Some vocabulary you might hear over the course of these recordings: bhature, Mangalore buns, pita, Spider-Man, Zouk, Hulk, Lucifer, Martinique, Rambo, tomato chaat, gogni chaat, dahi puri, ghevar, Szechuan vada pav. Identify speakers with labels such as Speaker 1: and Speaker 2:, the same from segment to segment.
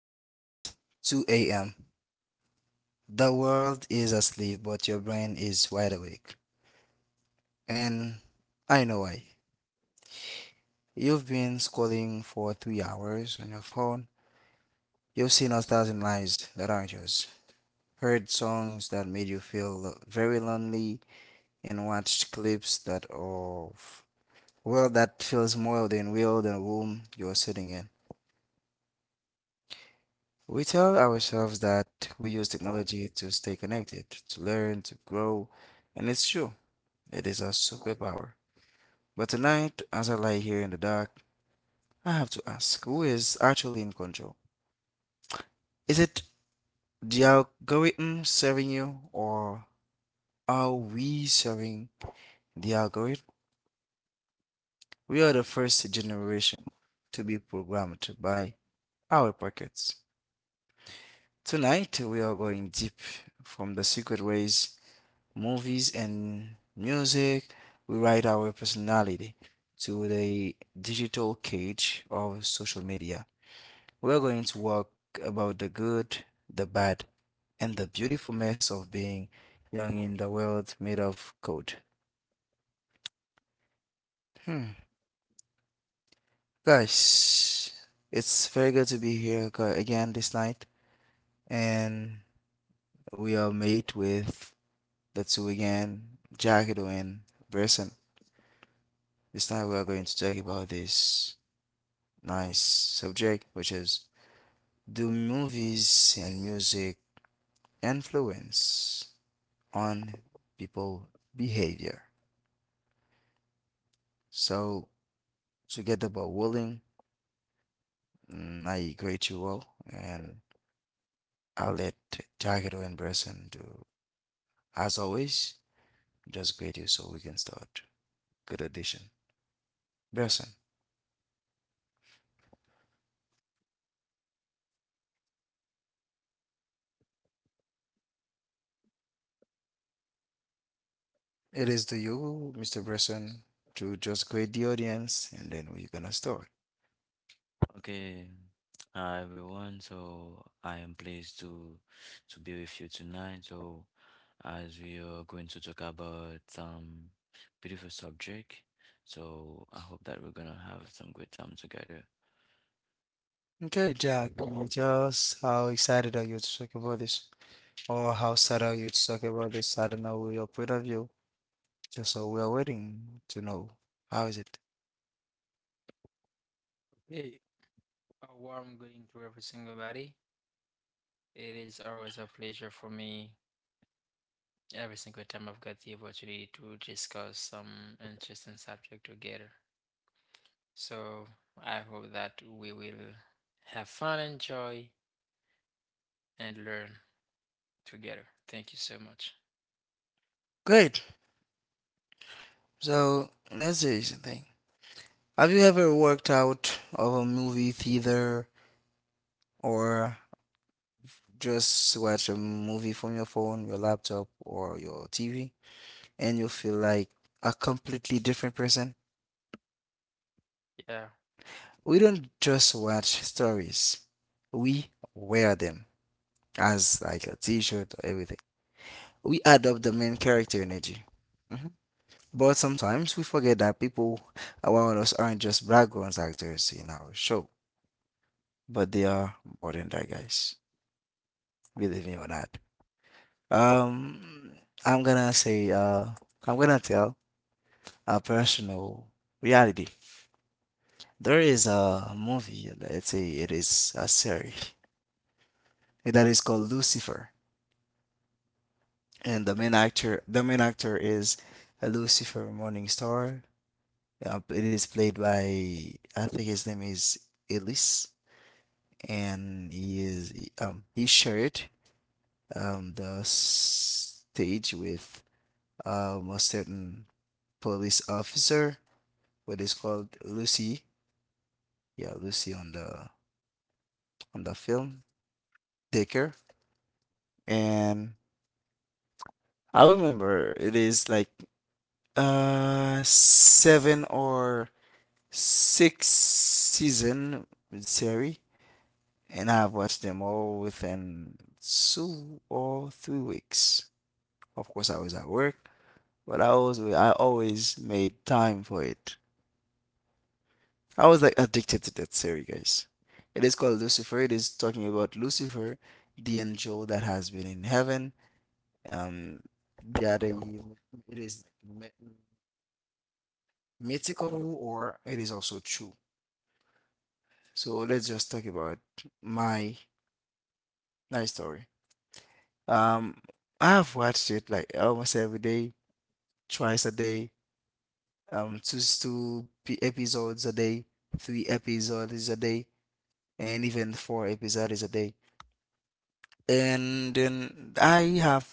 Speaker 1: It is 2 a.m. The world is asleep, but your brain is wide awake. And I know why. You've been scrolling for 3 hours on your phone. You've seen a thousand lives that aren't yours, heard songs that made you feel very lonely, and watched clips that of well that feels more than real than the room you're sitting in. We tell ourselves that we use technology to stay connected, to learn, to grow, and it's true. It is a superpower. But tonight, as I lie here in the dark, I have to ask, who is actually in control? Is it the algorithm serving you, or are we serving the algorithm? We are the first generation to be programmed by our pockets. Tonight, we are going deep from the secret ways, movies, and music. We write our personality to the digital cage of social media. We're going to walk about the good, the bad, and the beautiful mess of being young in the world made of code. Hmm. Guys, it's very good to be here again this night, and we are made with the two again, Jackido and Bresson. This night we are going to talk about this nice subject, which is, do movies and music influence on people behavior? So, together but willing, I greet you all, and I'll let Takeru and Bresson do. As always, just greet you so we can start. Good addition. Bresson, it is to you, Mr. Bresson, to just greet the audience, and then we're gonna start.
Speaker 2: Okay. Hi everyone. So I am pleased to be with you tonight. So as we are going to talk about some beautiful subject, so I hope that we're gonna have some great time together.
Speaker 1: Okay, Jack, just how excited are you to talk about this? Or how sad are you to talk about this? I don't know your point of view. Just so we are waiting to know. How is it?
Speaker 3: Hey, a warm greeting to every single body. It is always a pleasure for me every single time I've got the opportunity to discuss some interesting subject together. So I hope that we will have fun, enjoy, and learn together. Thank you so much.
Speaker 1: Great. So let's do something. Have you ever worked out of a movie theater or just watch a movie from your phone, your laptop, or your TV, and you feel like a completely different person?
Speaker 3: Yeah.
Speaker 1: We don't just watch stories, we wear them, as like a t-shirt or everything. We adopt the main character energy. Mhm. But sometimes we forget that people around us aren't just background actors in our show, but they are more than that, guys. Believe me or not. Um, I'm gonna say, uh, I'm gonna tell a personal reality. There is a movie, let's say it is a series that is called Lucifer, and the main actor is Lucifer Morningstar. Yep, it is played by, I think his name is Elise, and he shared the stage with a certain police officer, what is called Lucy. Yeah, Lucy on the film Dicker, and I remember it is like seven or six season series, and I've watched them all within 2 or 3 weeks. Of course, I was at work, but I always made time for it. I was like addicted to that series, guys. It is called Lucifer. It is talking about Lucifer, the angel that has been in heaven. Um, that it is mythical or it is also true. So let's just talk about my my story. Um, I've watched it like almost every day, twice a day, episodes a day, three episodes a day, and even four episodes a day. And then I have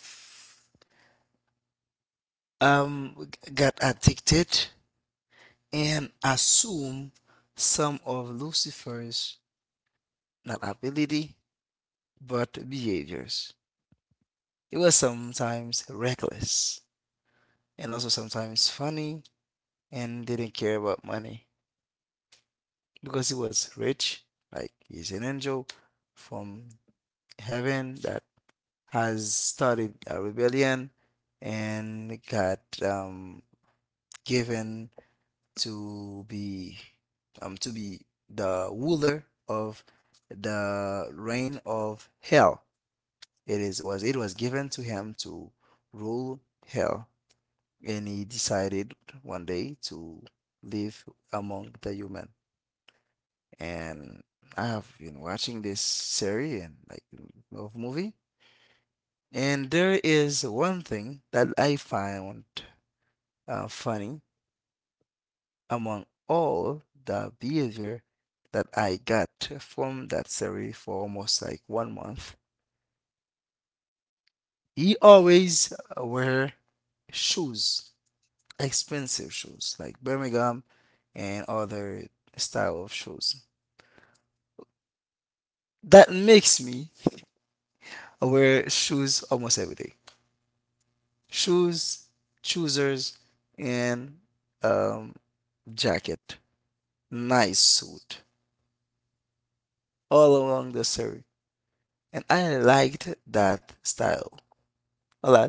Speaker 1: um g- got addicted and assume some of Lucifer's not ability but behaviors. It was sometimes reckless and also sometimes funny, and didn't care about money because he was rich, like he's an angel from heaven that has started a rebellion and got, given to be, to be the ruler of the reign of hell. It was given to him to rule hell, and he decided one day to live among the human. And I have been watching this series and like of movie. And there is one thing that I found funny among all the behavior that I got from that series for almost like one month. He always wear shoes, expensive shoes like Birmingham and other style of shoes. That makes me wear shoes almost every day. Shoes, choosers, and um, jacket, nice suit all along the story. And I liked that style a lot.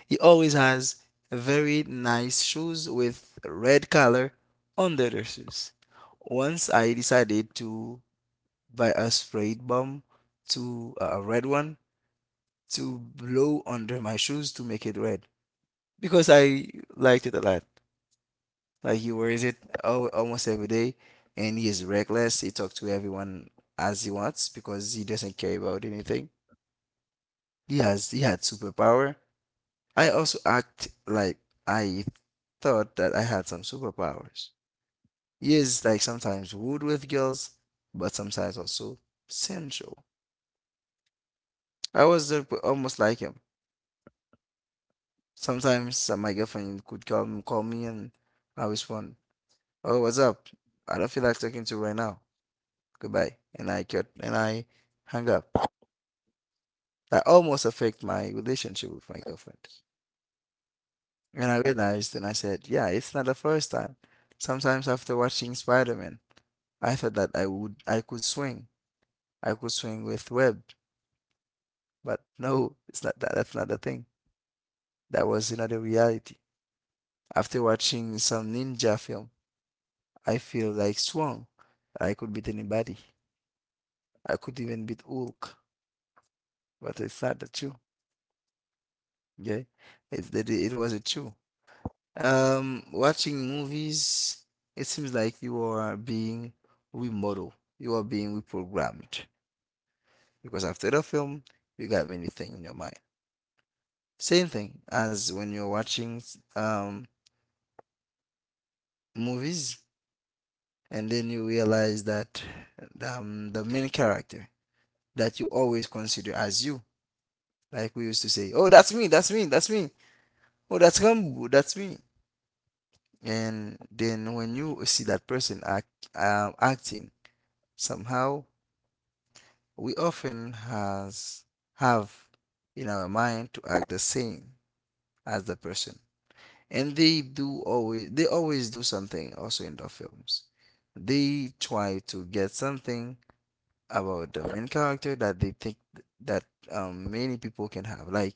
Speaker 1: He always has very nice shoes with red color under the shoes. Once I decided to buy a spray bomb, to a red one, to blow under my shoes to make it red because I liked it a lot. Like he wears it almost every day, and he is reckless. He talks to everyone as he wants because he doesn't care about anything. He had superpower. I also act like I thought that I had some superpowers. He is like sometimes rude with girls, but sometimes also sensual. I was, almost like him. Sometimes, my girlfriend could come call me, and I respond, "Oh, what's up? I don't feel like talking to you right now. Goodbye." And I cut, and I hung up. That almost affected my relationship with my girlfriend. And I realized, and I said, yeah, it's not the first time. Sometimes after watching Spider-Man, I thought that I could swing. I could swing with web. But no, it's not that, that's not the thing. That was another reality. After watching some ninja film, I feel like strong. I could beat anybody. I could even beat Hulk. But it's not the truth. Okay? It's that, it was a true. Watching movies, it seems like you are being remodeled, you are being reprogrammed because after the film, you got many things in your mind. Same thing as when you're watching um movies, and then you realize that, the main character that you always consider as you, like we used to say, oh, that's me, that's me, that's me, oh, that's Rambo, that's me. And then when you see that person act, acting somehow, we often has have in our mind to act the same as the person. And they always do something also in the films. They try to get something about the main character that they think that, many people can have. Like,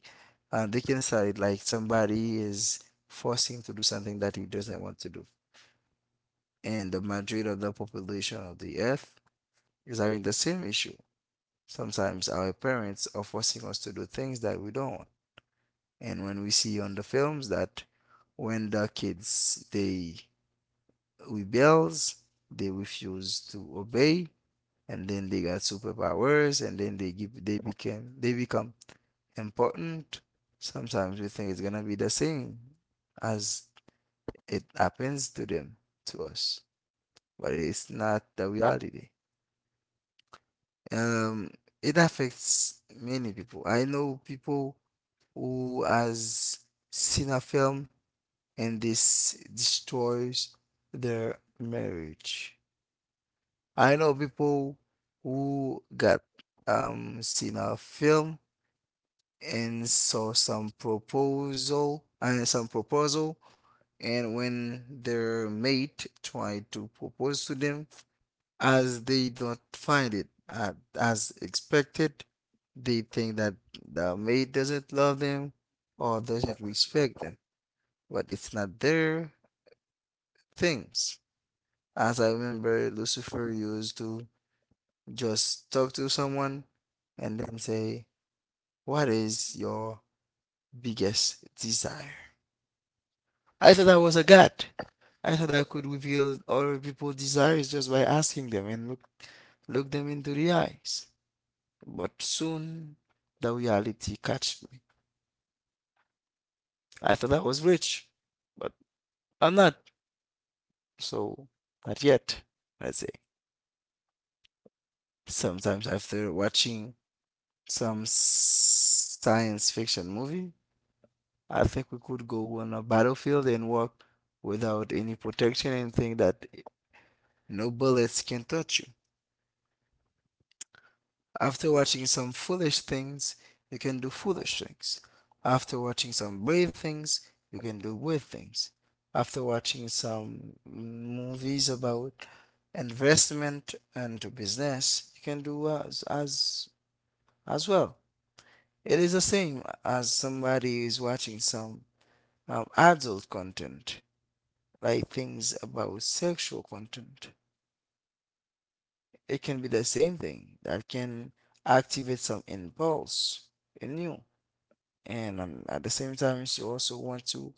Speaker 1: they can start like somebody is forcing to do something that he doesn't want to do. And the majority of the population of the earth is having the same issue. Sometimes our parents are forcing us to do things that we don't want. And when we see on the films that when the kids they rebels, they refuse to obey, and then they got superpowers, and then they give they became they become important. Sometimes we think it's gonna be the same as it happens to them, to us, but it's not the reality. Um, it affects many people. I know people who has seen a film, and this destroys their marriage. I know people who got seen a film and saw some proposal and some proposal, and when their mate tried to propose to them, as they don't find it, as expected, they think that the mate doesn't love them or doesn't respect them, but it's not their things. As I remember, Lucifer used to just talk to someone and then say, "What is your biggest desire?" I thought I was a god. I thought I could reveal other people's desires just by asking them and look, them into the eyes. But soon the reality catched me. I thought I was rich, but I'm not. So, not yet, I'd say. Sometimes after watching some science fiction movie, I think we could go on a battlefield and walk without any protection and think that no bullets can touch you. After watching some foolish things, you can do foolish things. After watching some brave things, you can do brave things. After watching some movies about investment and business, you can do as well. It is the same as somebody is watching some, adult content, like things about sexual content. It can be the same thing that can activate some impulse in you, and, at the same time, you also want to,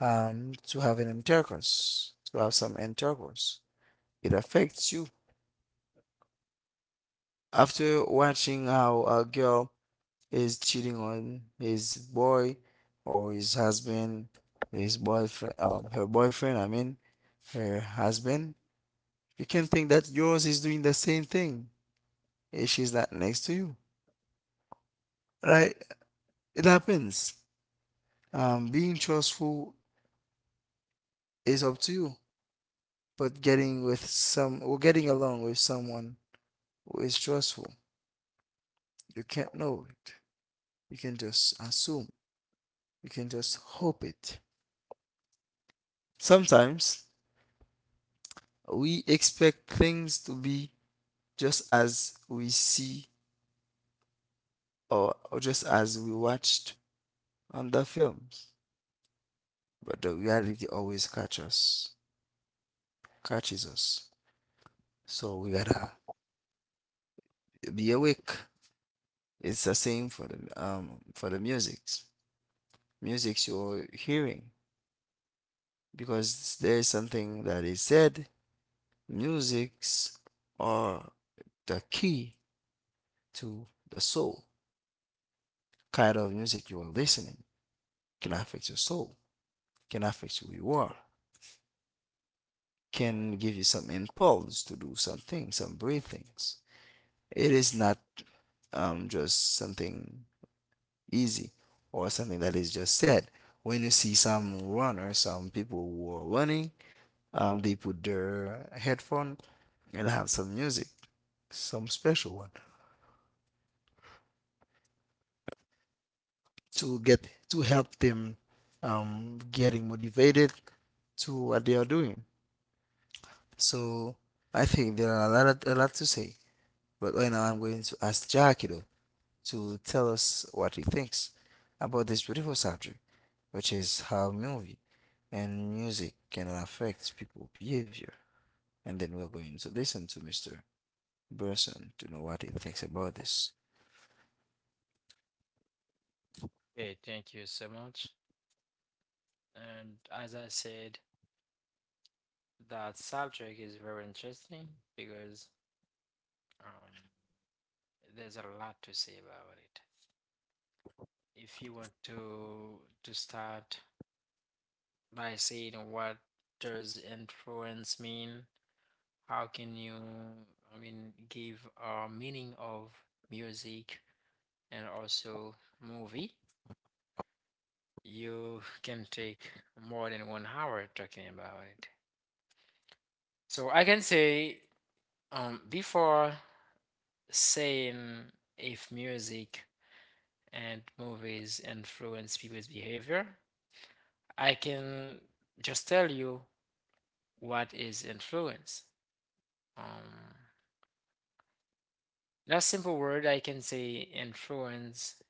Speaker 1: to have an intercourse, to have some intercourse. It affects you. After watching how a girl is cheating on his boy or his husband, his boyfriend, her boyfriend, I mean, her husband. You can think that yours is doing the same thing if she's not next to you, right? It happens. Being trustful is up to you, but getting with some or getting along with someone who is trustful, you can't know it. You can just assume. You can just hope it. Sometimes we expect things to be just as we see, or just as we watched on the films, but the reality always catches us. catches us. So we gotta be awake. It's the same for the musics. Musics you're hearing because there's something that is said. Musics are the key to the soul. Kind of music you are listening can affect your soul, can affect who you are, can give you some impulse to do something, some brave things. It is not just something easy or something that is just said. When you see some runner, some people who are running, they put their headphone and have some music, some special one to get to help them getting motivated to what they are doing. So I think there are a lot to say. But right now I'm going to ask Jackie, though, to tell us what he thinks about this beautiful subject, which is how movie and music can affect people's behavior. And then we're going to listen to Mr. Burson to know what he thinks about this.
Speaker 3: Hey, thank you so much. And as I said, that subject is very interesting because um, there's a lot to say about it. If you want to start by saying, what does influence mean? How can you, I mean, give a meaning of music and also movie? You can take more than 1 hour talking about it. So I can say, before saying if music and movies influence people's behavior, I can just tell you, what is influence? Um, in a simple word, I can say influence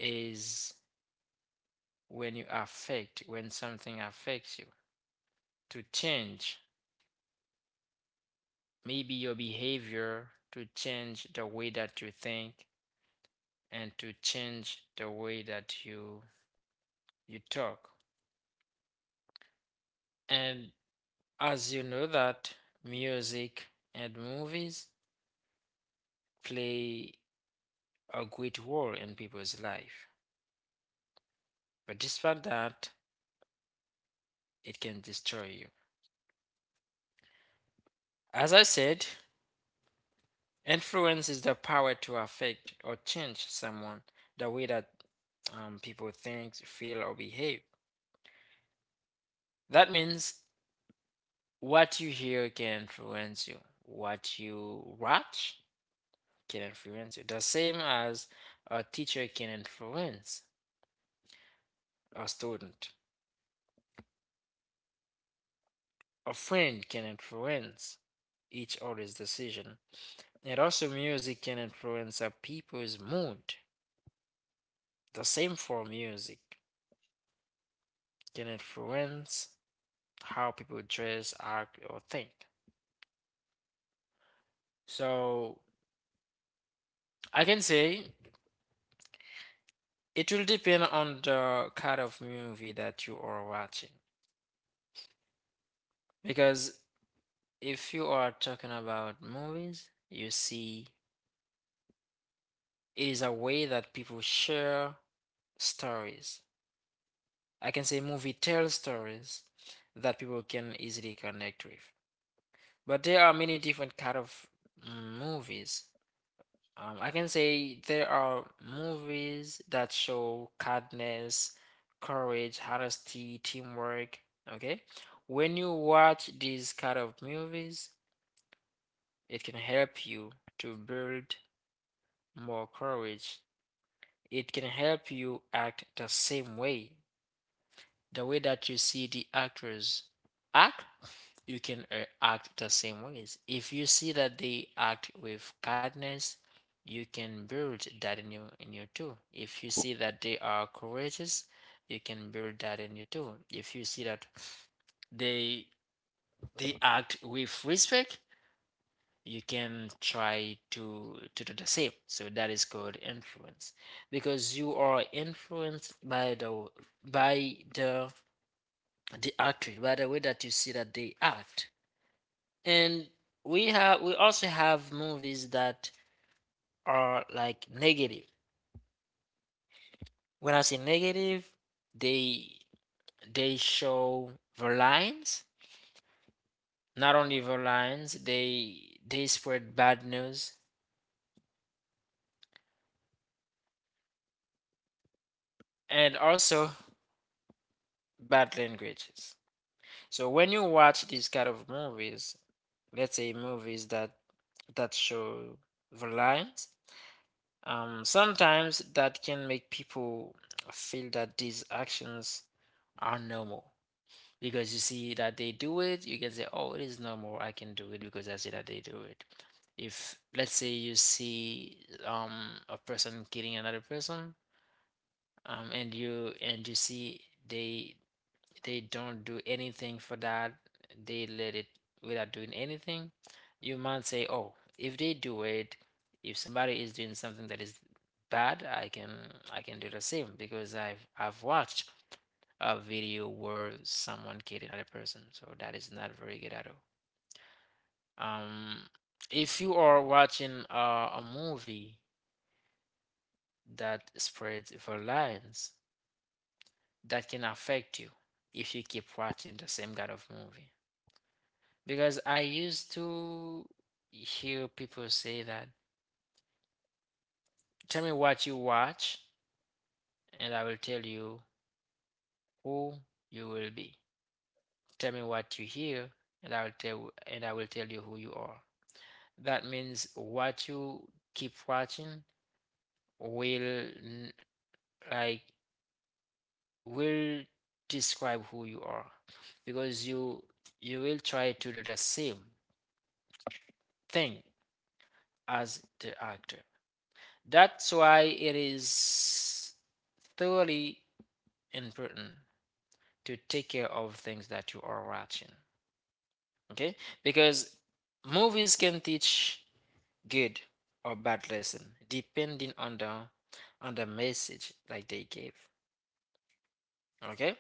Speaker 3: is when you affect, when something affects you. To change, maybe your behavior, to change the way that you think, and to change the way that you talk. And as you know that music and movies play a great role in people's life. But despite that, it can destroy you. As I said, influence is the power to affect or change someone, the way that people think, feel, or behave. That means what you hear can influence you, what you watch can influence you, the same as a teacher can influence a student, a friend can influence each other's decision. And also, music can influence a people's mood. The same for music can influence how people dress, act, or think. So I can say it will depend on the kind of movie that you are watching. Because if you are talking about movies, you see it is a way that people share stories. I can say movie tells stories that people can easily connect with. But there are many different kind of movies. I can say there are movies that show kindness, courage, honesty, teamwork. Okay, when you watch these kind of movies, it can help you to build more courage. It can help you act the same way, the way that you see the actors act. You can act the same ways. If you see that they act with kindness, you can build that in you too. If you see that they are courageous, you can build that in you too. If you see that they they act with respect, you can try to do the same. So that is called influence, because you are influenced by by the the actor, by the way that you see that they act. And we also have movies that are like negative. When I say negative, they they show violence. Not only violence, they spread bad news and also bad languages. So when you watch these kind of movies, let's say movies that show violence. Sometimes that can make people feel that these actions are normal, because you see that they do it, you can say, oh, it is normal, I can do it because I see that they do it. If, let's say, you see um a person killing another person, and you see they they don't do anything for that, they let it without doing anything, you might say, oh, if they do it, if somebody is doing something that is bad, I can do the same because I've watched a video where someone killed another person. So that is not very good at all. Um, if you are watching a movie that spreads violence, that can affect you if you keep watching the same kind of movie. Because I used to hear people say that, tell me what you watch, and I will tell you who you will be. Tell me what you hear, and I will tell and I will tell you who you are. That means what you keep watching will like will describe who you are, because you will try to do the same thing as the actor. That's why it is thoroughly important to take care of things that you are watching. Okay? Because movies can teach good or bad lesson depending on the message like they gave. Okay?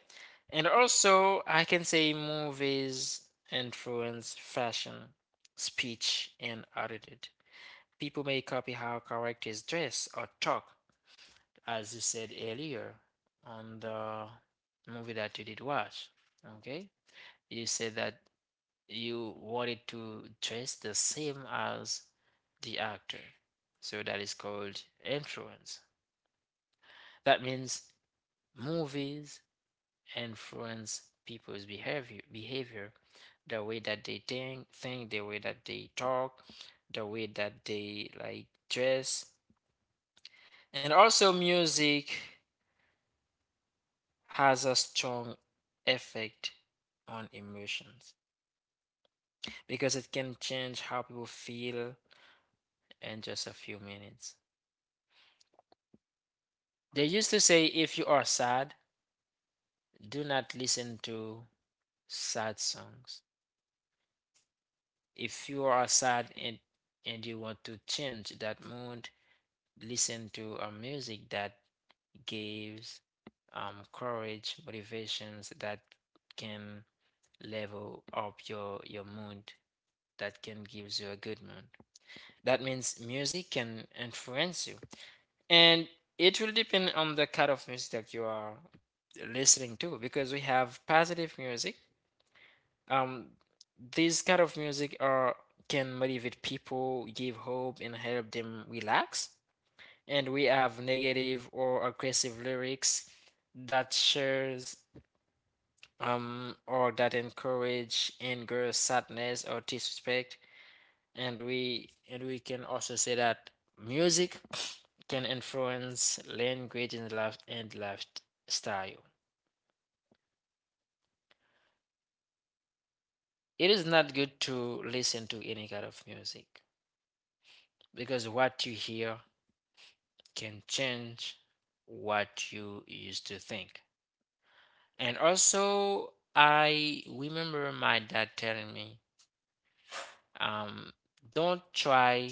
Speaker 3: And also I can say movies influence fashion, speech, and attitude. People may copy how characters dress or talk, as you said earlier on the movie that you did watch. Okay, you said that you wanted to dress the same as the actor, so that is called influence. That means movies influence people's behavior, the way that they think, the way that they talk, the way that they like dress, and also music has a strong effect on emotions because it can change how people feel in just a few minutes. They used to say, if you are sad, do not listen to sad songs. If you are sad and you want to change that mood, listen to a music that gives courage, motivations that can level up your mood, that can gives you a good mood. That means music can influence you. And it will depend on the kind of music that you are listening to, because we have positive music. Um, these kind of music are can motivate people, give hope, and help them relax. And we have negative or aggressive lyrics that shares or that encourage anger, sadness, or disrespect. And we can also say that music can influence language and lifestyle. It is not good to listen to any kind of music, because what you hear can change what you used to think. And also, I remember my dad telling me, um, don't try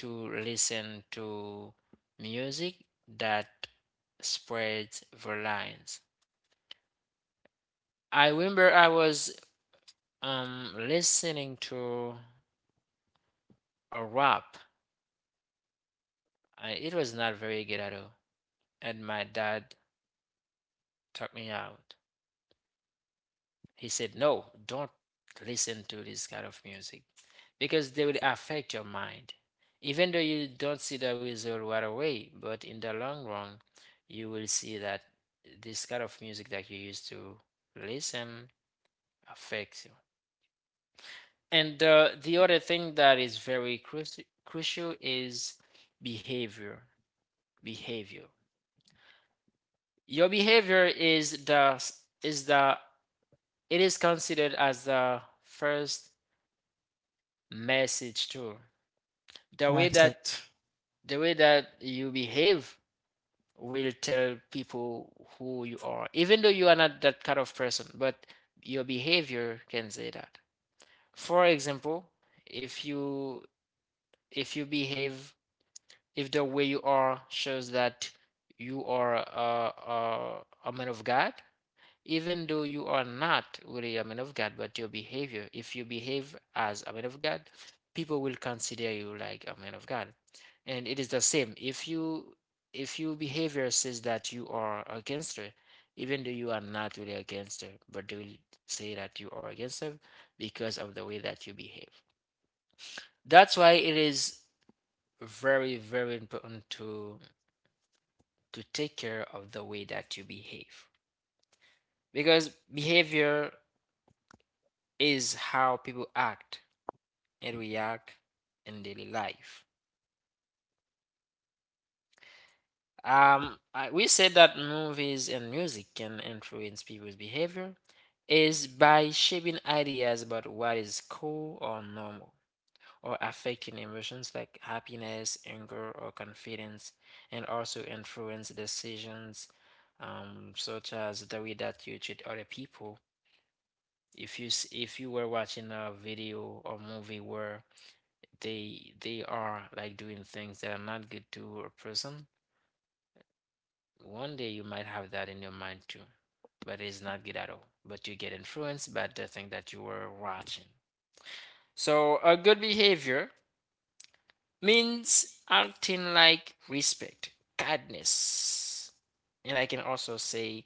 Speaker 3: to listen to music that spreads violence. I remember I was listening to a rap. It was not very good at all. And my dad took me out. He said, "No, don't listen to this kind of music because they will affect your mind. Even though you don't see the result right away, but in the long run, you will see that this kind of music that you used to listen affects you." And the other thing that is very crucial is behavior. Behavior. Your behavior is the, it is considered as the first message too. The
Speaker 1: I
Speaker 3: way that
Speaker 1: accept.
Speaker 3: the way that you behave will tell people who you are, even though you are not that kind of person, but your behavior can say that. For example, if you if you behave, if the way you are shows that you are a man of God, even though you are not really a man of God, but your behavior, if you behave as a man of God, people will consider you like a man of God. And it is the same. If you if your behavior says that you are a gangster, even though you are not really a gangster, but they will say that you are a gangster because of the way that you behave. That's why it is very, very important to take care of the way that you behave, because behavior is how people act and react in daily life. Um, we said that movies and music can influence people's behavior is by shaping ideas about what is cool or normal, or affecting emotions like happiness, anger, or confidence, and also influence decisions, such as the way that you treat other people. If you if you were watching a video or movie where they are like doing things that are not good to a person, one day you might have that in your mind too, but it's not good at all. But you get influenced by the thing that you were watching. So a good behavior means acting like respect, kindness, and I can also say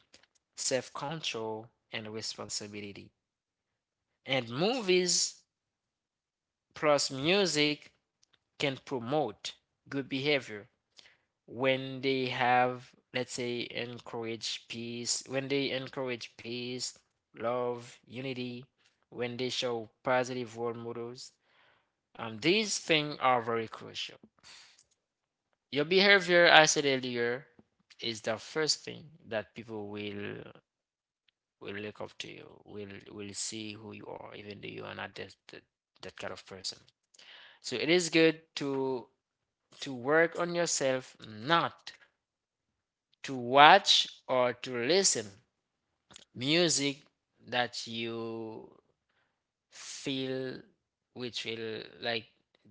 Speaker 3: self-control and responsibility. And movies plus music can promote good behavior when they have, let's say, encourage peace, when they encourage peace, love, unity, when they show positive role models. Um, these things are very crucial. Your behavior, I said earlier, is the first thing that people will look up to, you will see who you are, even though you are not that kind of person. So it is good to work on yourself, not to watch or to listen music that you feel which will like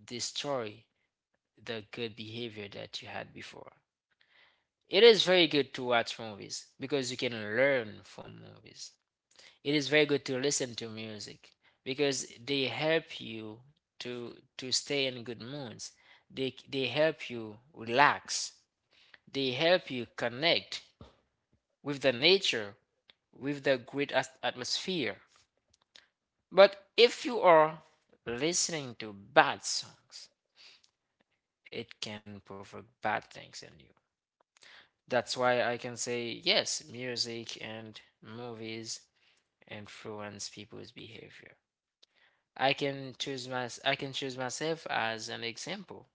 Speaker 3: destroy the good behavior that you had before. It is very good to watch movies because you can learn from movies. It is very good to listen to music because they help you to stay in good moods. They help you relax. They help you connect with the nature, with the great atmosphere. But if you are listening to bad songs, it can provoke bad things in you. That's why I can say yes, music and movies influence people's behavior. I can choose myself as an example.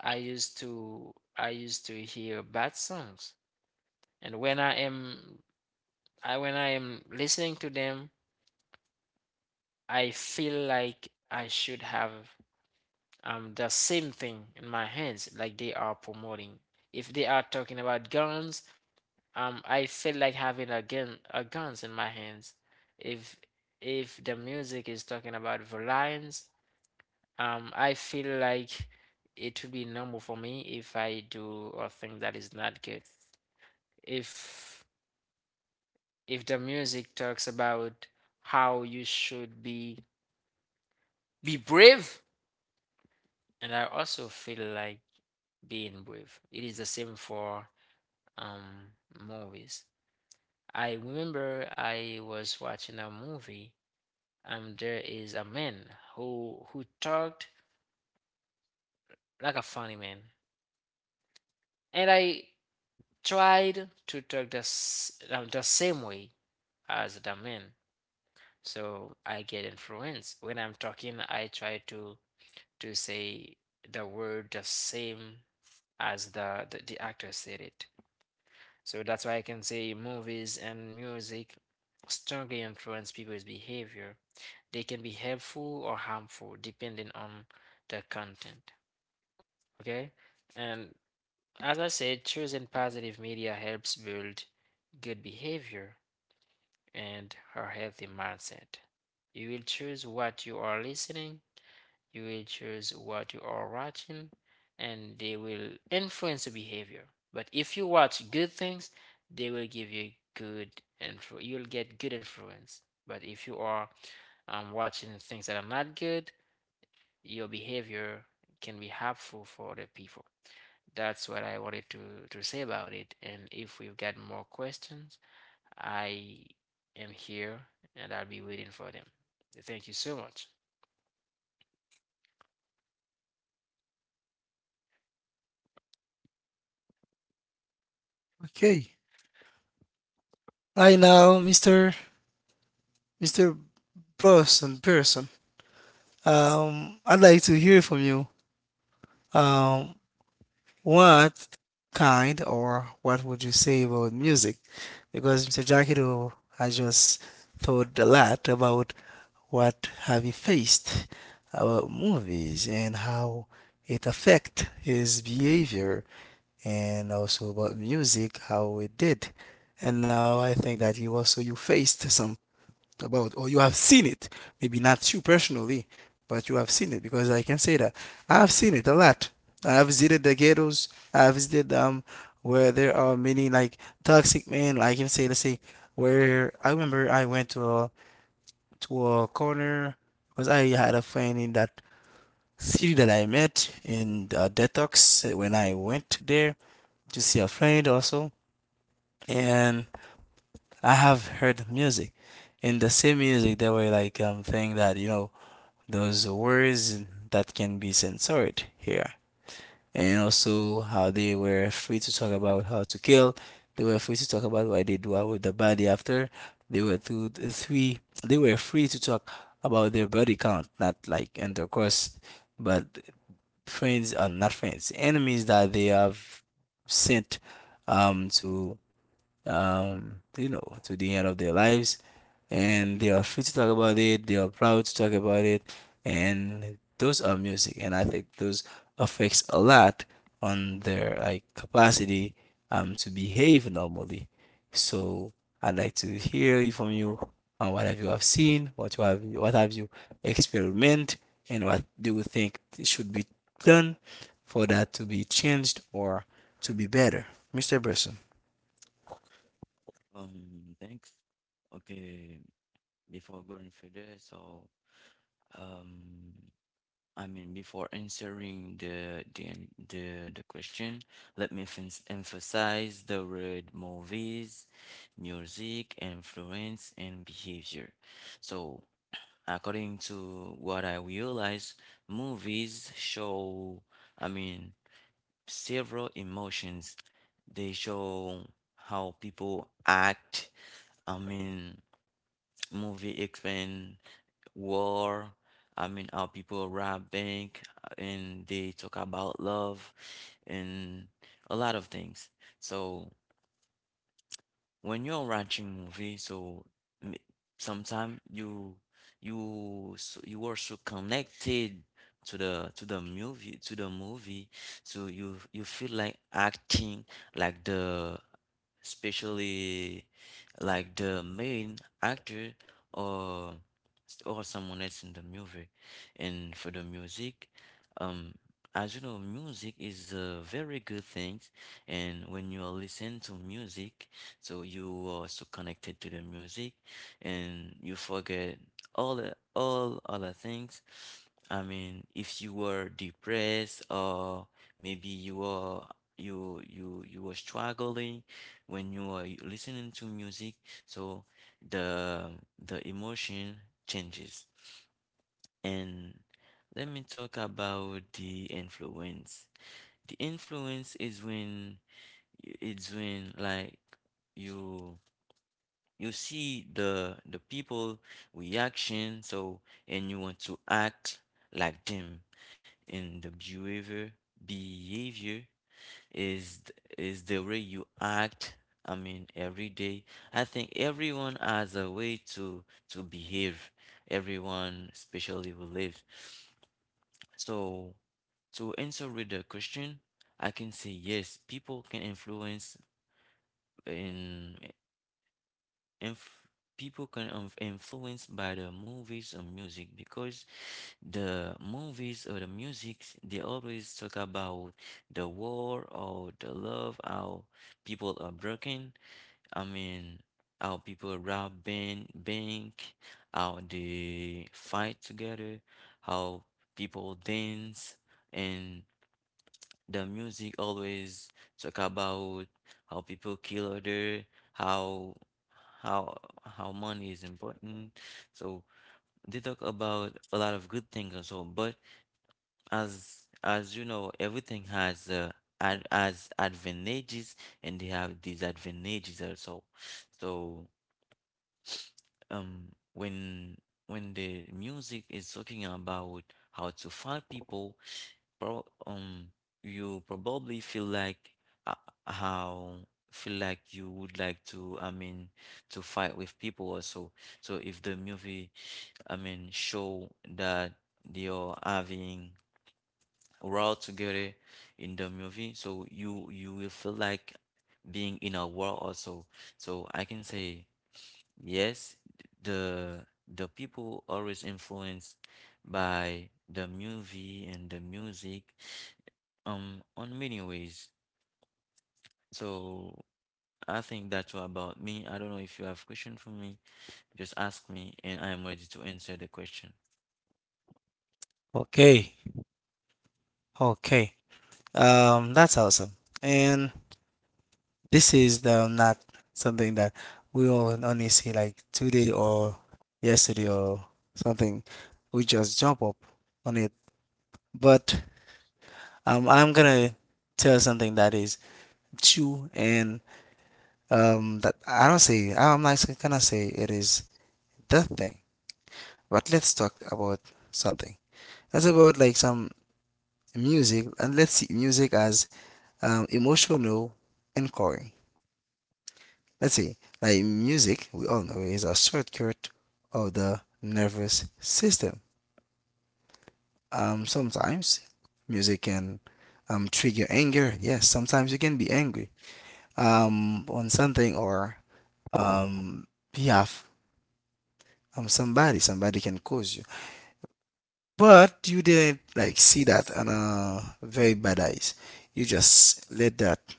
Speaker 3: I used to hear bad songs and when I am I when I am listening to them I feel like I should have the same thing in my hands, like they are promoting. If they are talking about guns, I feel like having a gun, a guns in my hands. If if the music is talking about violence, I feel like it would be normal for me if I do a thing that is not good. If if the music talks about how you should be brave. And I also feel like being brave. It is the same for movies. I remember I was watching a movie and there is a man who talked like a funny man. And I tried to talk the same way as the man. So I get influenced. When I'm talking, I try to say the word the same as the actor said it. So that's why I can say movies and music strongly influence people's behavior. They can be helpful or harmful depending on the content. Okay? And as I said, choosing positive media helps build good behavior and a healthy mindset. You will choose what you are listening you will choose what you are watching, and they will influence your behavior. But if you watch good things, they will give you good influ- you'll get good influence. But if you are watching things that are not good, your behavior can be harmful for other people. That's what I wanted to say about it. And if we've got more questions, I am here and I'll be waiting for them. Thank you so much.
Speaker 1: Okay. Right now, Mr. Person. I'd like to hear from you. Um, What kind or what would you say about music? Because Mr. Jackie Jackiro has just thought a lot about what have he faced about movies and how it affect his behavior, and also about music, how it did. And now I think that you also you faced some about, or you have seen it, maybe not you personally, but you have seen it, because I can say that I have seen it a lot. I have visited the ghettos, I have visited, where there are many like toxic men, I can say. Let's say where I remember I went to a corner because I had a friend in that city that I met in detox, when I went there to see a friend also. And I have heard music. In the same music, they were like thing that, those words that can be censored here, and also how they were free to talk about how to kill. They were free to talk about why they do out with the body after. They were free to talk about their body count, not like intercourse, but friends — are not friends — enemies that they have sent um to to the end of their lives. And they are free to talk about it, they are proud to talk about it, and those are music. And I think those affects a lot on their like capacity to behave normally. So I'd like to hear you from you on what have you have seen, what you have what have you experiment, and what do you think should be done for that to be changed or to be better, Mr. Bresson.
Speaker 2: Thanks. Okay, before going further, um I mean, before answering the question, let me emphasize the word movies, music, influence, and behavior. So, according to what I realize, movies show, I mean, several emotions. They show how people act. I mean, movie expand war. I mean, how people rob bank and they talk about love and a lot of things. So when you're watching movie, so sometimes you are so connected to the movie, so you feel like acting like the especially like the main actor or or someone else in the movie. And for the music, um, as you know, music is a very good thing. And when you are listening to music, so you are so connected to the music, and you forget all other things. I mean, if you were depressed or maybe you were struggling when you are listening to music, so the emotion changes. And let me talk about the influence. The influence is when it's when like you you see the people reaction, so and you want to act like them in the behavior. Behavior is is the way you act. I mean, every day. I think everyone has a way to behave. Everyone, especially who live. So, to answer with the question, I can say yes, people can influence in inf people can inf influence by the movies or music, because the movies or the music, they always talk about the war or the love, how people are broken. I mean, how people rob bank, how they fight together, how people dance, and the music always talk about how people kill other, how how how money is important. So they talk about a lot of good things also, but as you know, everything has ad has advantages and they have disadvantages also. So when the music is talking about how to find people, pro you probably feel like uh, how feel like you would like to, I mean, to fight with people also. So if the movie, I mean, show that they are having we're all together in the movie, so you will feel like being in a world also. So I can say yes, the people always influenced by the movie and the music on many ways. So I think that's all about me. I don't know if you have question for me. Just ask me and I am ready to answer the question.
Speaker 1: Okay, okay. That's awesome. And this is the not something that we all only see like today or yesterday or something. We just jump up on it. But I'm gonna tell something that is true, and that I'm not gonna say it is the thing. But let's talk about something. That's about like some music, and let's see music as emotional anchoring. Let's see, like music, we all know, is a shortcut of the nervous system. Sometimes music can trigger anger. Yes, sometimes you can be angry on something or um, behalf somebody. Somebody can cause you, but you didn't like see that on a very bad eyes. You just let that.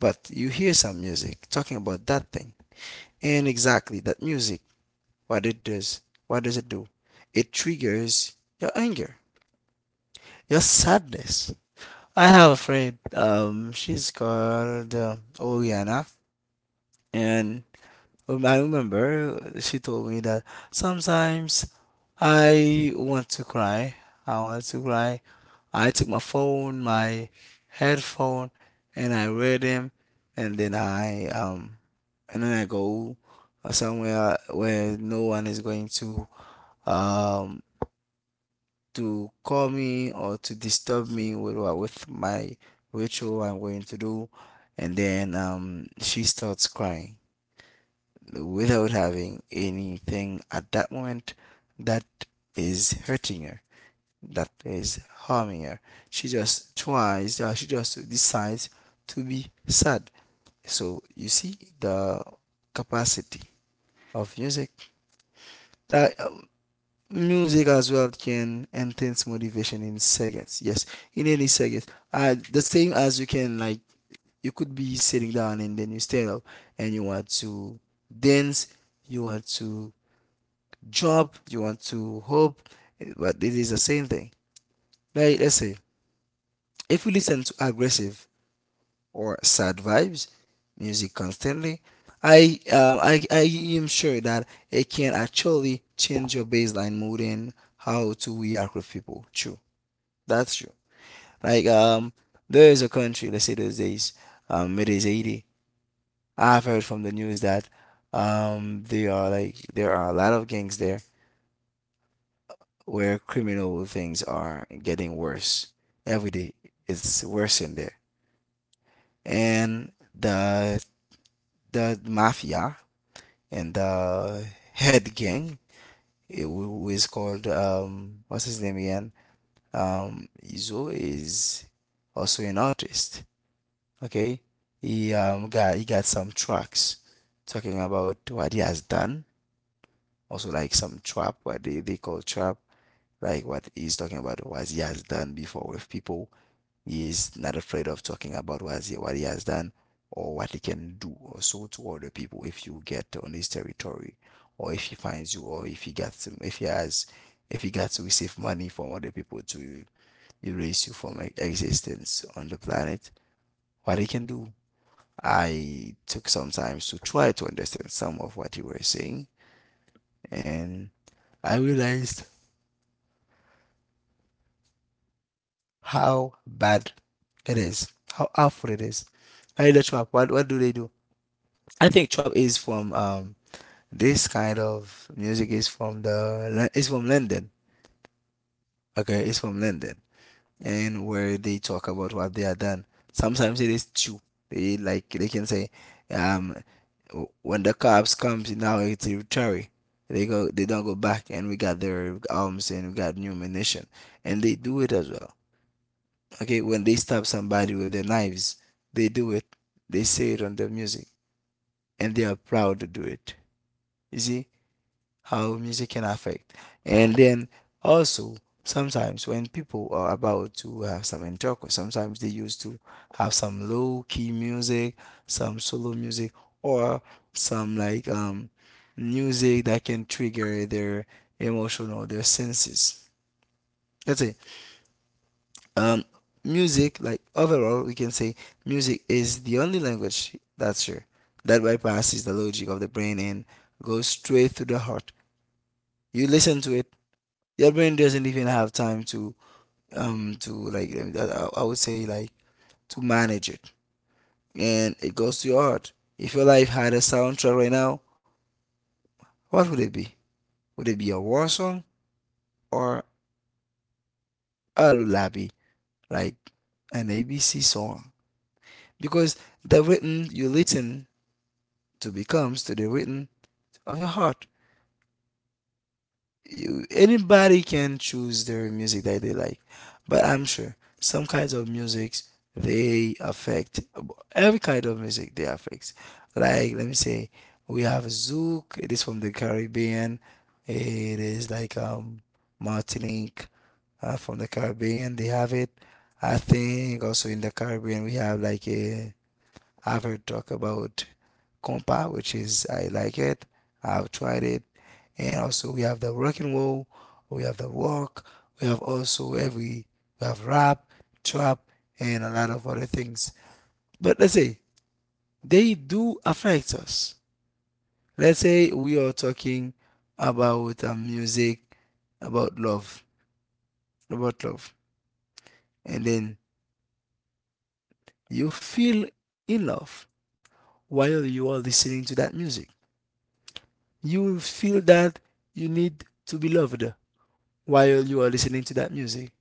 Speaker 1: But you hear some music talking about that thing. And exactly that music, what it does, what does it do? It triggers your anger, your sadness. I have a friend, she's called Oriana, and I remember she told me that sometimes I want to cry. I want to cry. I took my phone, my headphone, and I read him, and then I, go somewhere where no one is going um to call me or to disturb me with with my ritual I'm going to do, and then she starts crying without having anything at that moment that is hurting her, that is harming her. She just decides to be sad. So you see the capacity of music. Uh, um, music as well can enhance motivation in seconds. Yes, in any seconds. The same as you can like, you could be sitting down and then you stand up and you want to dance, you want to job, you want to hope, eh, but it is the same thing. Like, let's say, if you listen to aggressive or sad vibes music constantly, I am sure that it can actually change your baseline mood and how to react with people. True, that's true. Like, there is a country, let's say, those days, it is 80. I've heard from the news that there are a lot of gangs there where criminal things are getting worse every day. It's worse in there, and the mafia and the head gang, it was called, what's his name again? Izo is also an artist. Okay, he got some tracks talking about what he has done. Also, like some trap, what they call trap, like what he's talking about, what he has done before with people. He is not afraid of talking about what he has done, or what he can do, or so, to other people if you get on his territory, or if he finds you, or if he gets to receive money from other people to erase you from existence on the planet, what he can do. I took some time to try to understand some of what you were saying, and I realized how bad it is, how awful it is. I — now, you — what do they do? I think trap is from, this kind of music is from the it's from London. Okay, it's from London, and where they talk about what they are done. Sometimes it is true. They can say, um, when the cops comes now it's territory, they go, they don't go back, and we got their arms and we got new ammunition, and they do it as well. Okay, when they stab somebody with their knives, they do it. They say it on the music, and they are proud to do it. You see how music can affect. And then also, sometimes when people are about to have some intercourse, sometimes they used to have some low key music, some solo music, or some like music that can trigger their emotional, their senses. That's it. Um, Music, like, overall, we can say music is the only language that's sure that bypasses the logic of the brain and goes straight through the heart. You listen to it. Your brain doesn't even have time to, to, like, I would say, like, to manage it, and it goes to your heart. If your life had a soundtrack right now, what would it be? Would it be a war song, or a lullaby, like an ABC song? Because the rhythm you listen to becomes to the rhythm of your heart. You, anybody, can choose their music that they like, but I'm sure some kinds of musics, they affect, every kind of music they affect. Like, let me say, we have Zouk, it is from the Caribbean, it is like, Martinique, from the Caribbean they have it. I think also in the Caribbean we have like a, I've heard talk about compa, which is, I like it. I've tried it. And also we have the rock and roll, we have the rock, we have also every, we have rap, trap, and a lot of other things. But let's say they do affect us. Let's say we are talking about, music, about love, about love, and then you feel in love while you are listening to that music. You feel that you need to be loved while you are listening to that music.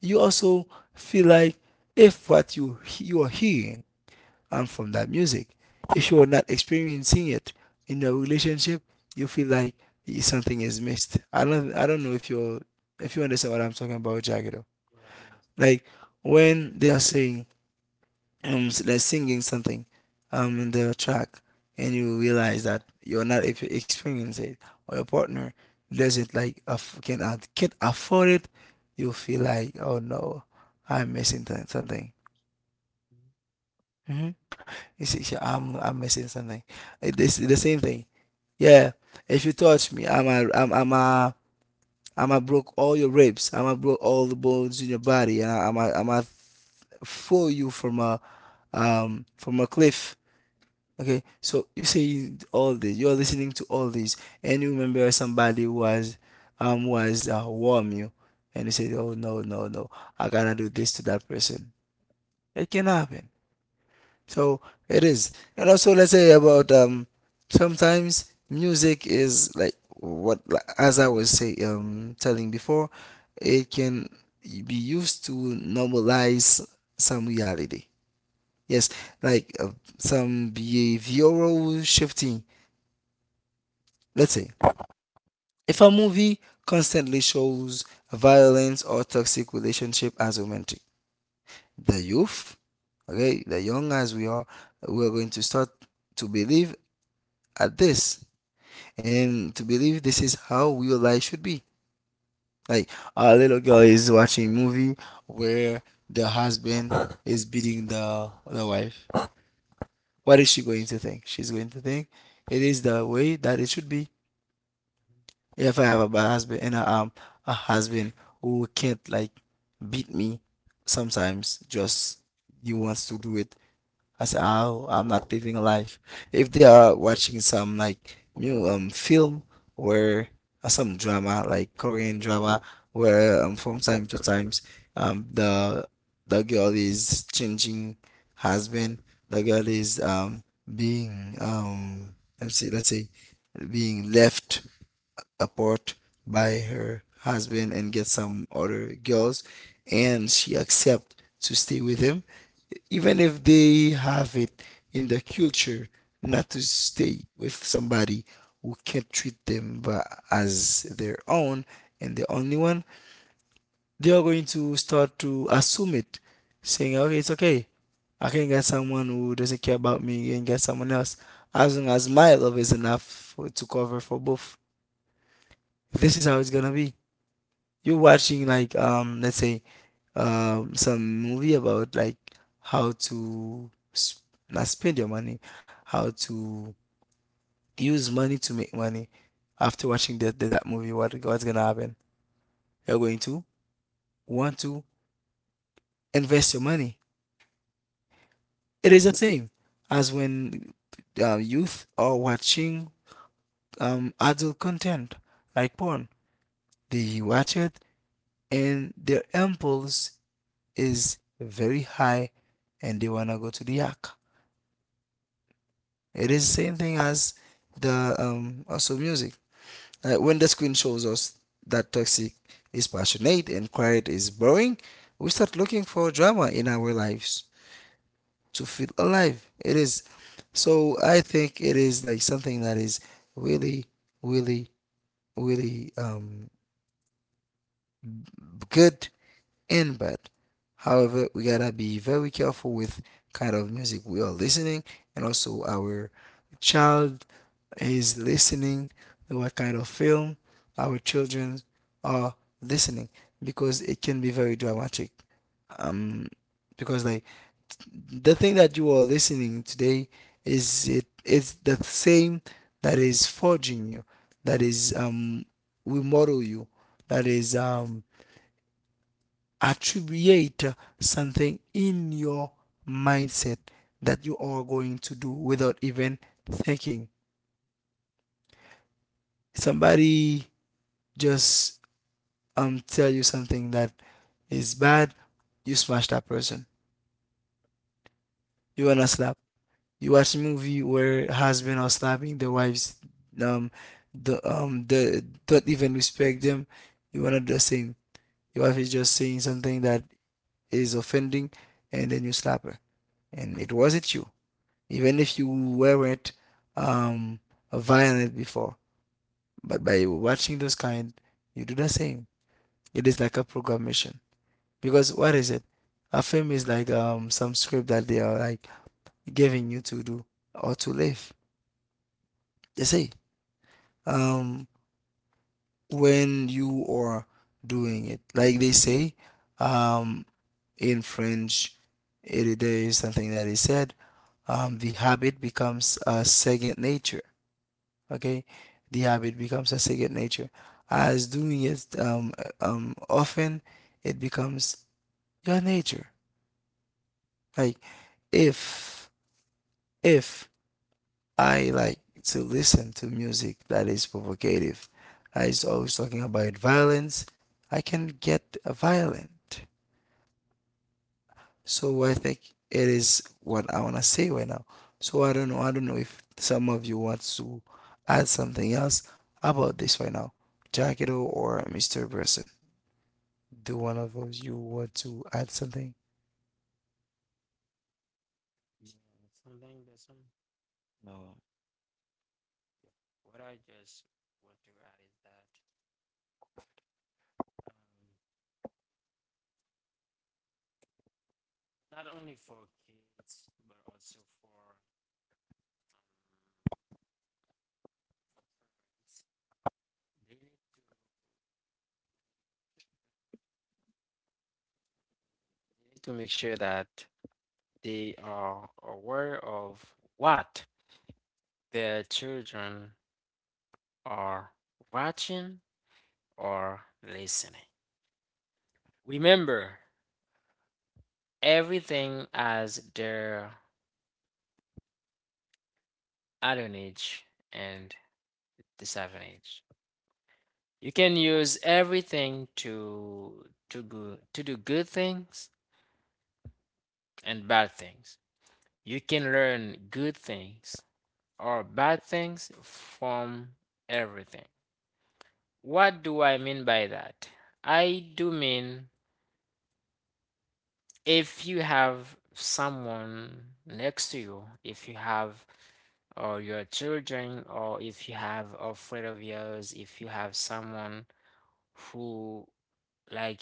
Speaker 1: You also feel like, if what you are hearing and from that music, if you are not experiencing it in a relationship, you feel like something is missed. I don't know if you understand what I'm talking about, Jagger.
Speaker 3: Yeah, I understand.
Speaker 1: Like, when they are saying, like, singing something in the track, and you realize that you're not, if you experience it, or your partner doesn't like, can't afford it, you feel like, oh no, I'm missing something. hmm you see, "I'm missing something." It's the same thing. Yeah. If you touch me, I'm a broke all your ribs. I'm a broke all the bones in your body, and I'm a throw you from a from a cliff. Okay, so you say all this, you're listening to all this, and you remember somebody was warm you, and you say, "Oh no, no, no, I gotta do this to that person." It can happen. So it is, and also let's say about sometimes music is like what, as I was say, telling before, it can be used to normalize some reality. Yes, like some behavioral shifting. Let's say, if a movie constantly shows violence or toxic relationship as romantic, the youth, okay, the young as we are going to start to believe at this and to believe this is how real life should be. Like a little girl is watching a movie where the husband is beating the wife. What is she going to think? She's going to think it is the way that it should be. If I have a bad husband and a husband who can't like beat me sometimes just he wants to do it, I say, oh, I'm not living a life if they are watching some like film where some drama like Korean drama where from time to times um the the girl is changing husband, the girl is being let's say being left apart by her husband and get some other girls, and she accept to stay with him even if they have it in the culture not to stay with somebody who can't treat them but as their own and the only one. They are going to start to assume it, saying, okay, it's okay. I can get someone who doesn't care about me and get someone else, as long as my love is enough for, to cover for both. This is how it's gonna be. You're watching like let's say some movie about like how to not spend your money, how to use money to make money. After watching that movie, what's gonna happen? You're going to want to invest your money. It is the same as when youth are watching adult content like porn. They watch it and their impulse is very high and they want to go to the yak. It is the same thing as the also music. Like when the screen shows us that toxic is passionate and quiet is boring, we start looking for drama in our lives to feel alive. It is, so I think it is like something that is really, really, really good and bad. However, we gotta be very careful with kind of music we are listening and also our child is listening, what kind of film our children are listening, because it can be very dramatic. Um because like the thing that you are listening today is, it is the same that is forging you, that is will model you, that is attribute something in your mindset that you are going to do without even thinking. Somebody just tell you something that is bad, you smash that person. You wanna slap. You watch movie where husband are slapping the wives, um, the don't even respect them. You wanna do the same. Your wife is just saying something that is offending, and then you slap her, and it wasn't you, even if you weren't um violent before. But by watching those kind, you do the same. It is like a programmation, because what is it? A film is like some script that they are like giving you to do or to live. They say um when you are doing it, like they say um in french there is something that is said, the habit becomes a second nature. Okay, the habit becomes a second nature. As doing it often, it becomes your nature. Like if if I like to listen to music that is provocative, I is always talking about violence, I can get violent. So I think it is what I wanna say right now. So I don't know. I don't know if some of you want to add something else about this right now. Jacketo or Mr. Person. Do one of those you want to add something?
Speaker 3: Yeah, something Bassem.
Speaker 2: No.
Speaker 3: Yeah. What I just want to add is that um, not only for kids but also for parents, they need to they need to make sure that they are aware of what their children are watching or listening. Remember everything as their advantage and disadvantage. You can use everything to to do good things and bad things. You can learn good things or bad things from everything. What do I mean by that? I do mean if you have someone next to you, if you have or your children, or if you have a friend of yours, if you have someone who like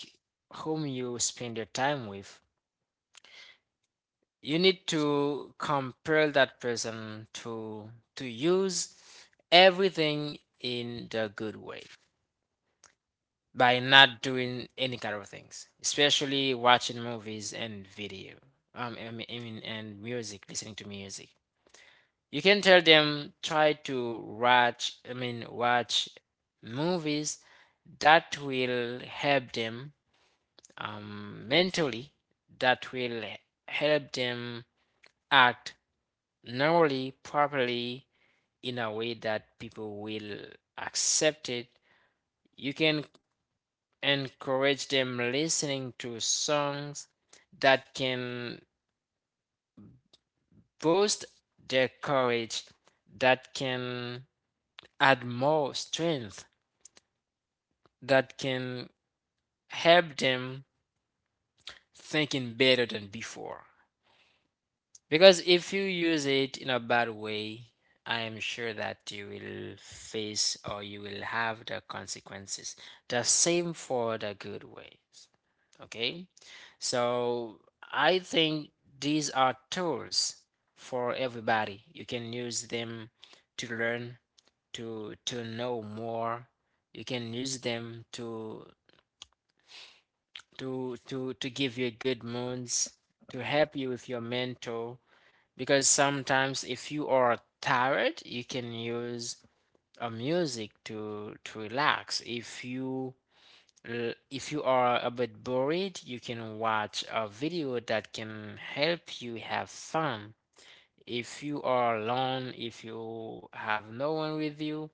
Speaker 3: whom you spend your time with, you need to compel that person to use everything in the good way by not doing any kind of things, especially watching movies and video, I mean, and music, listening to music. You can tell them try to watch, watch movies that will help them mentally, that will help them act normally, properly, in a way that people will accept it. You can encourage them listening to songs that can boost their courage, that can add more strength, that can help them thinking better than before. Because if you use it in a bad way, I am sure that you will face or you will have the consequences. The same for the good ways. Okay? So I think these are tools for everybody. You can use them to learn, to know more. You can use them to to give you good moods, to help you with your mentor because sometimes if you are tired you can use a music to relax. If you if you are a bit bored you can watch a video that can help you have fun. If you are alone, if you have no one with you,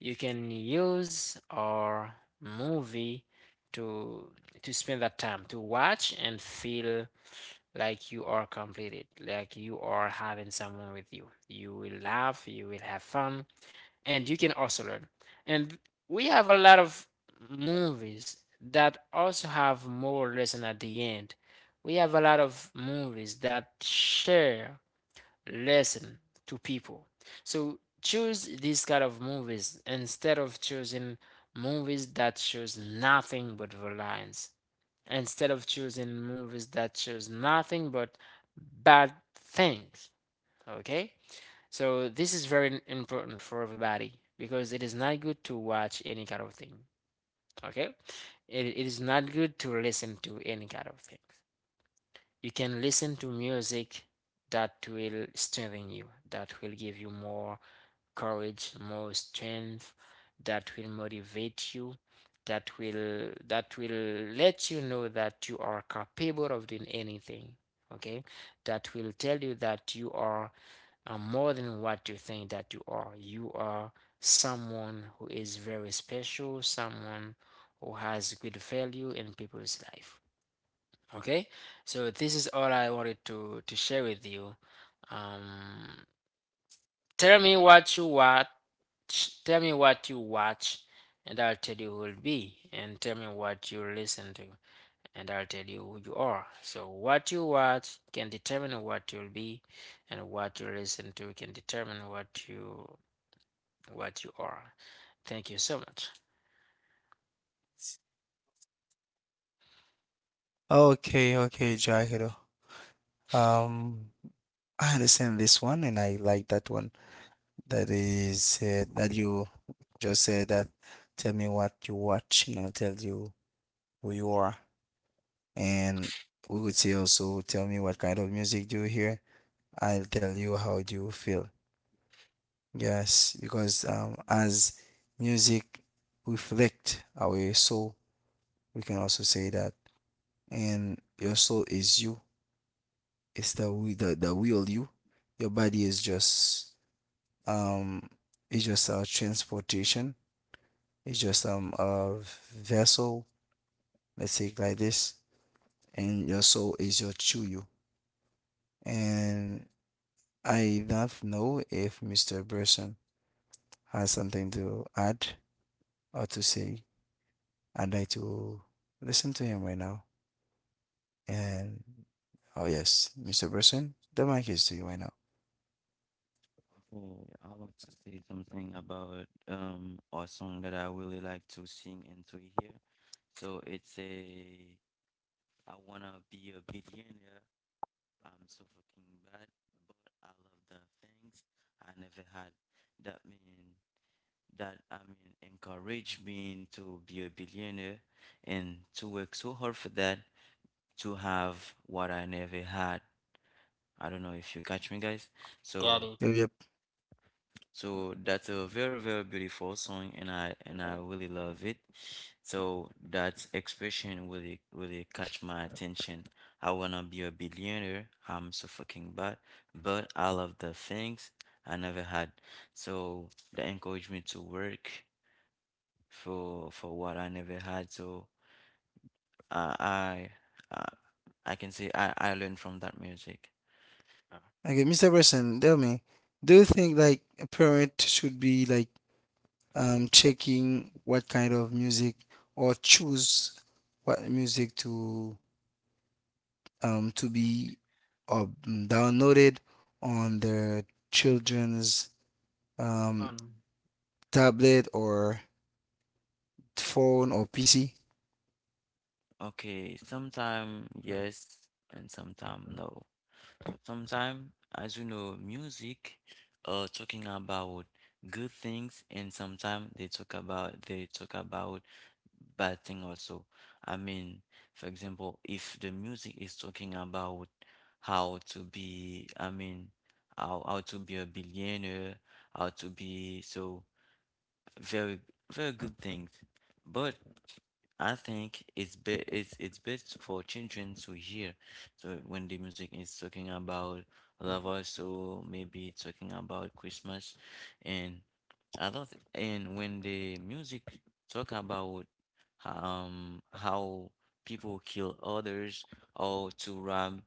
Speaker 3: you can use our movie to spend that time to watch and feel like you are completed, like you are having someone with you. You will laugh, you will have fun, and you can also learn. And we have a lot of movies that also have more lesson at the end. We have a lot of movies that share listen to people. So choose these kind of movies instead of choosing movies that shows nothing but violence. Instead of choosing movies that shows nothing but bad things. Okay? So this is very im- important for everybody because it is not good to watch any kind of thing. Okay? It is not good to listen to any kind of things. You can listen to music that will strengthen you, that will give you more courage, more strength, that will motivate you, that will let you know that you are capable of doing anything. Okay, that will tell you that you are more than what you think that you are. You are someone who is very special, someone who has good value in people's life. Okay, so this is all I wanted to share with you. Um, tell me what you watch. Tell me what you watch, and I'll tell you who will be. And tell me what you listen to, and I'll tell you who you are. So what you watch can determine what you'll be, and what you listen to can determine what you are. Thank you so much.
Speaker 1: Okay, okay, Jacketo. Um, I understand this one and I like that one. That is said that you just said that, tell me what you watch and I'll tell you who you are. And we would say also, tell me what kind of music do you hear. I'll tell you how do you feel. Yes, because as music reflect our soul, we can also say that. And your soul is you. It's the the real you. Your body is just um it's just a transportation. It's just a vessel, let's say like this, and your soul is your true. And I don't know if Mr. Burson has something to add or to say. I'd like to listen to him right now. And oh yes, Mr. Burson, the mic is to you right now.
Speaker 2: Oh, I want to say something about a song that I really like to sing and to hear. So it's a I wanna be a billionaire. I'm so fucking bad, but I love the things I never had. That mean that I mean encourage me to be a billionaire and to work so hard for that, to have what I never had. I don't know if you catch me, guys.
Speaker 3: Got
Speaker 2: So
Speaker 3: it.
Speaker 1: Yep, yep.
Speaker 2: so that's a very, very beautiful song, and I Mhm. really love it. So that expression really really catch my attention. I wanna be a billionaire. I'm so fucking bad, but I love the things I never had. So that encouraged me to work for what I never had. So I I I, I can say I learned from that music.
Speaker 3: Uh,
Speaker 1: Okay, Mr. Burson, tell me, do you think like a parent should be like checking what kind of music or choose what music to be downloaded on their children's um, tablet or phone or PC.
Speaker 2: Okay, sometime yes and sometime no. Sometimes, as you know, music talking about good things, and sometimes they talk about bad thing also. I mean, for example, if the music is talking about how to be, I mean, how to be a billionaire, how to be so very very good things. But I think it's be it's best for children to hear. So when the music is talking about love, also maybe it's talking about Christmas, and I don't. Thi- and when the music talk about how people kill others or to rob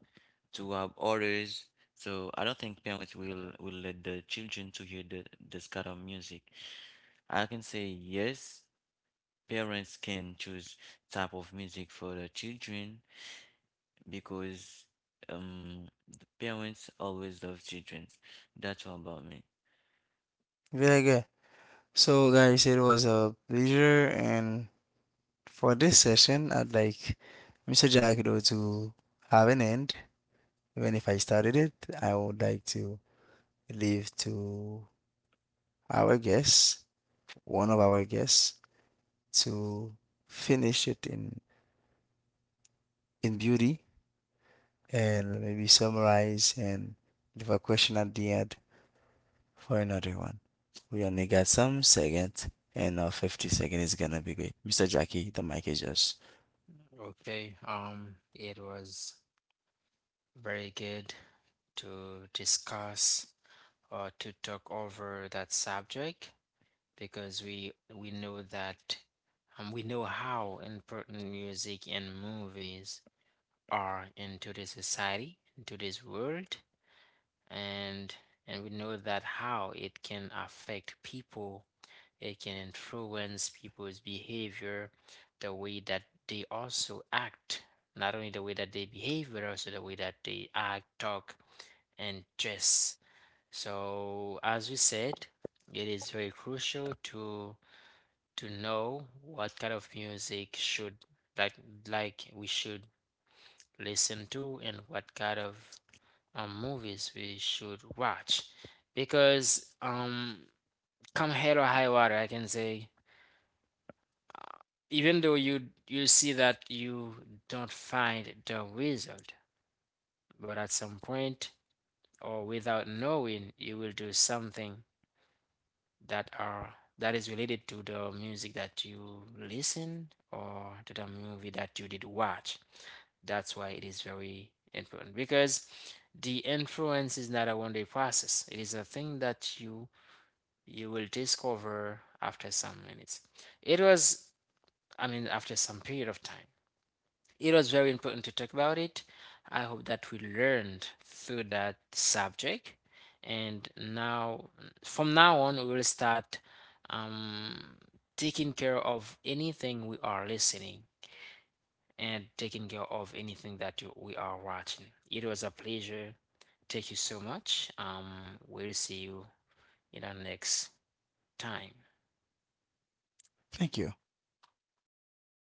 Speaker 2: others, so I don't think parents will let the children to hear the this kind of music. I can say yes, parents can choose type of music for their children because um the parents always love children. That's all about me.
Speaker 1: Very good. So, guys, it was a pleasure, and for this session, I'd like Mr. Jackdo to have an end. Even if I started it, I would like to leave to our guests, one of our guests, to finish it in beauty and maybe summarize and leave a question at the end for another one. We only got some seconds, and our 50 seconds is gonna be great. Mr. Jackie, the mic is yours.
Speaker 3: Okay. It was. Very good to discuss or to talk over that subject because we know that we know how important music and movies are into this society, into this world, and and we know that how it can affect people, it can influence people's behavior, the way that they also act, not only the way that they behave, but also the way that they act, talk, and stress. So, as we said, it is very crucial to know what kind of music should like like we should listen to and what kind of movies we should watch because come hell or high water I can say, even though you see that you don't find the result, but at some point or without knowing you will do something that are that is related to the music that you listened or to the movie that you did watch. That's why it is very important because the influence is not a one day process. It is a thing that you will discover after some minutes. It was, I mean, after some period of time. It was very important to talk about it. I hope that we learned through that subject. And now, from now on, we will start um, taking care of anything we are listening and taking care of anything that we are watching. It was a pleasure. Thank you so much. We'll see you in our next time.
Speaker 1: Thank you.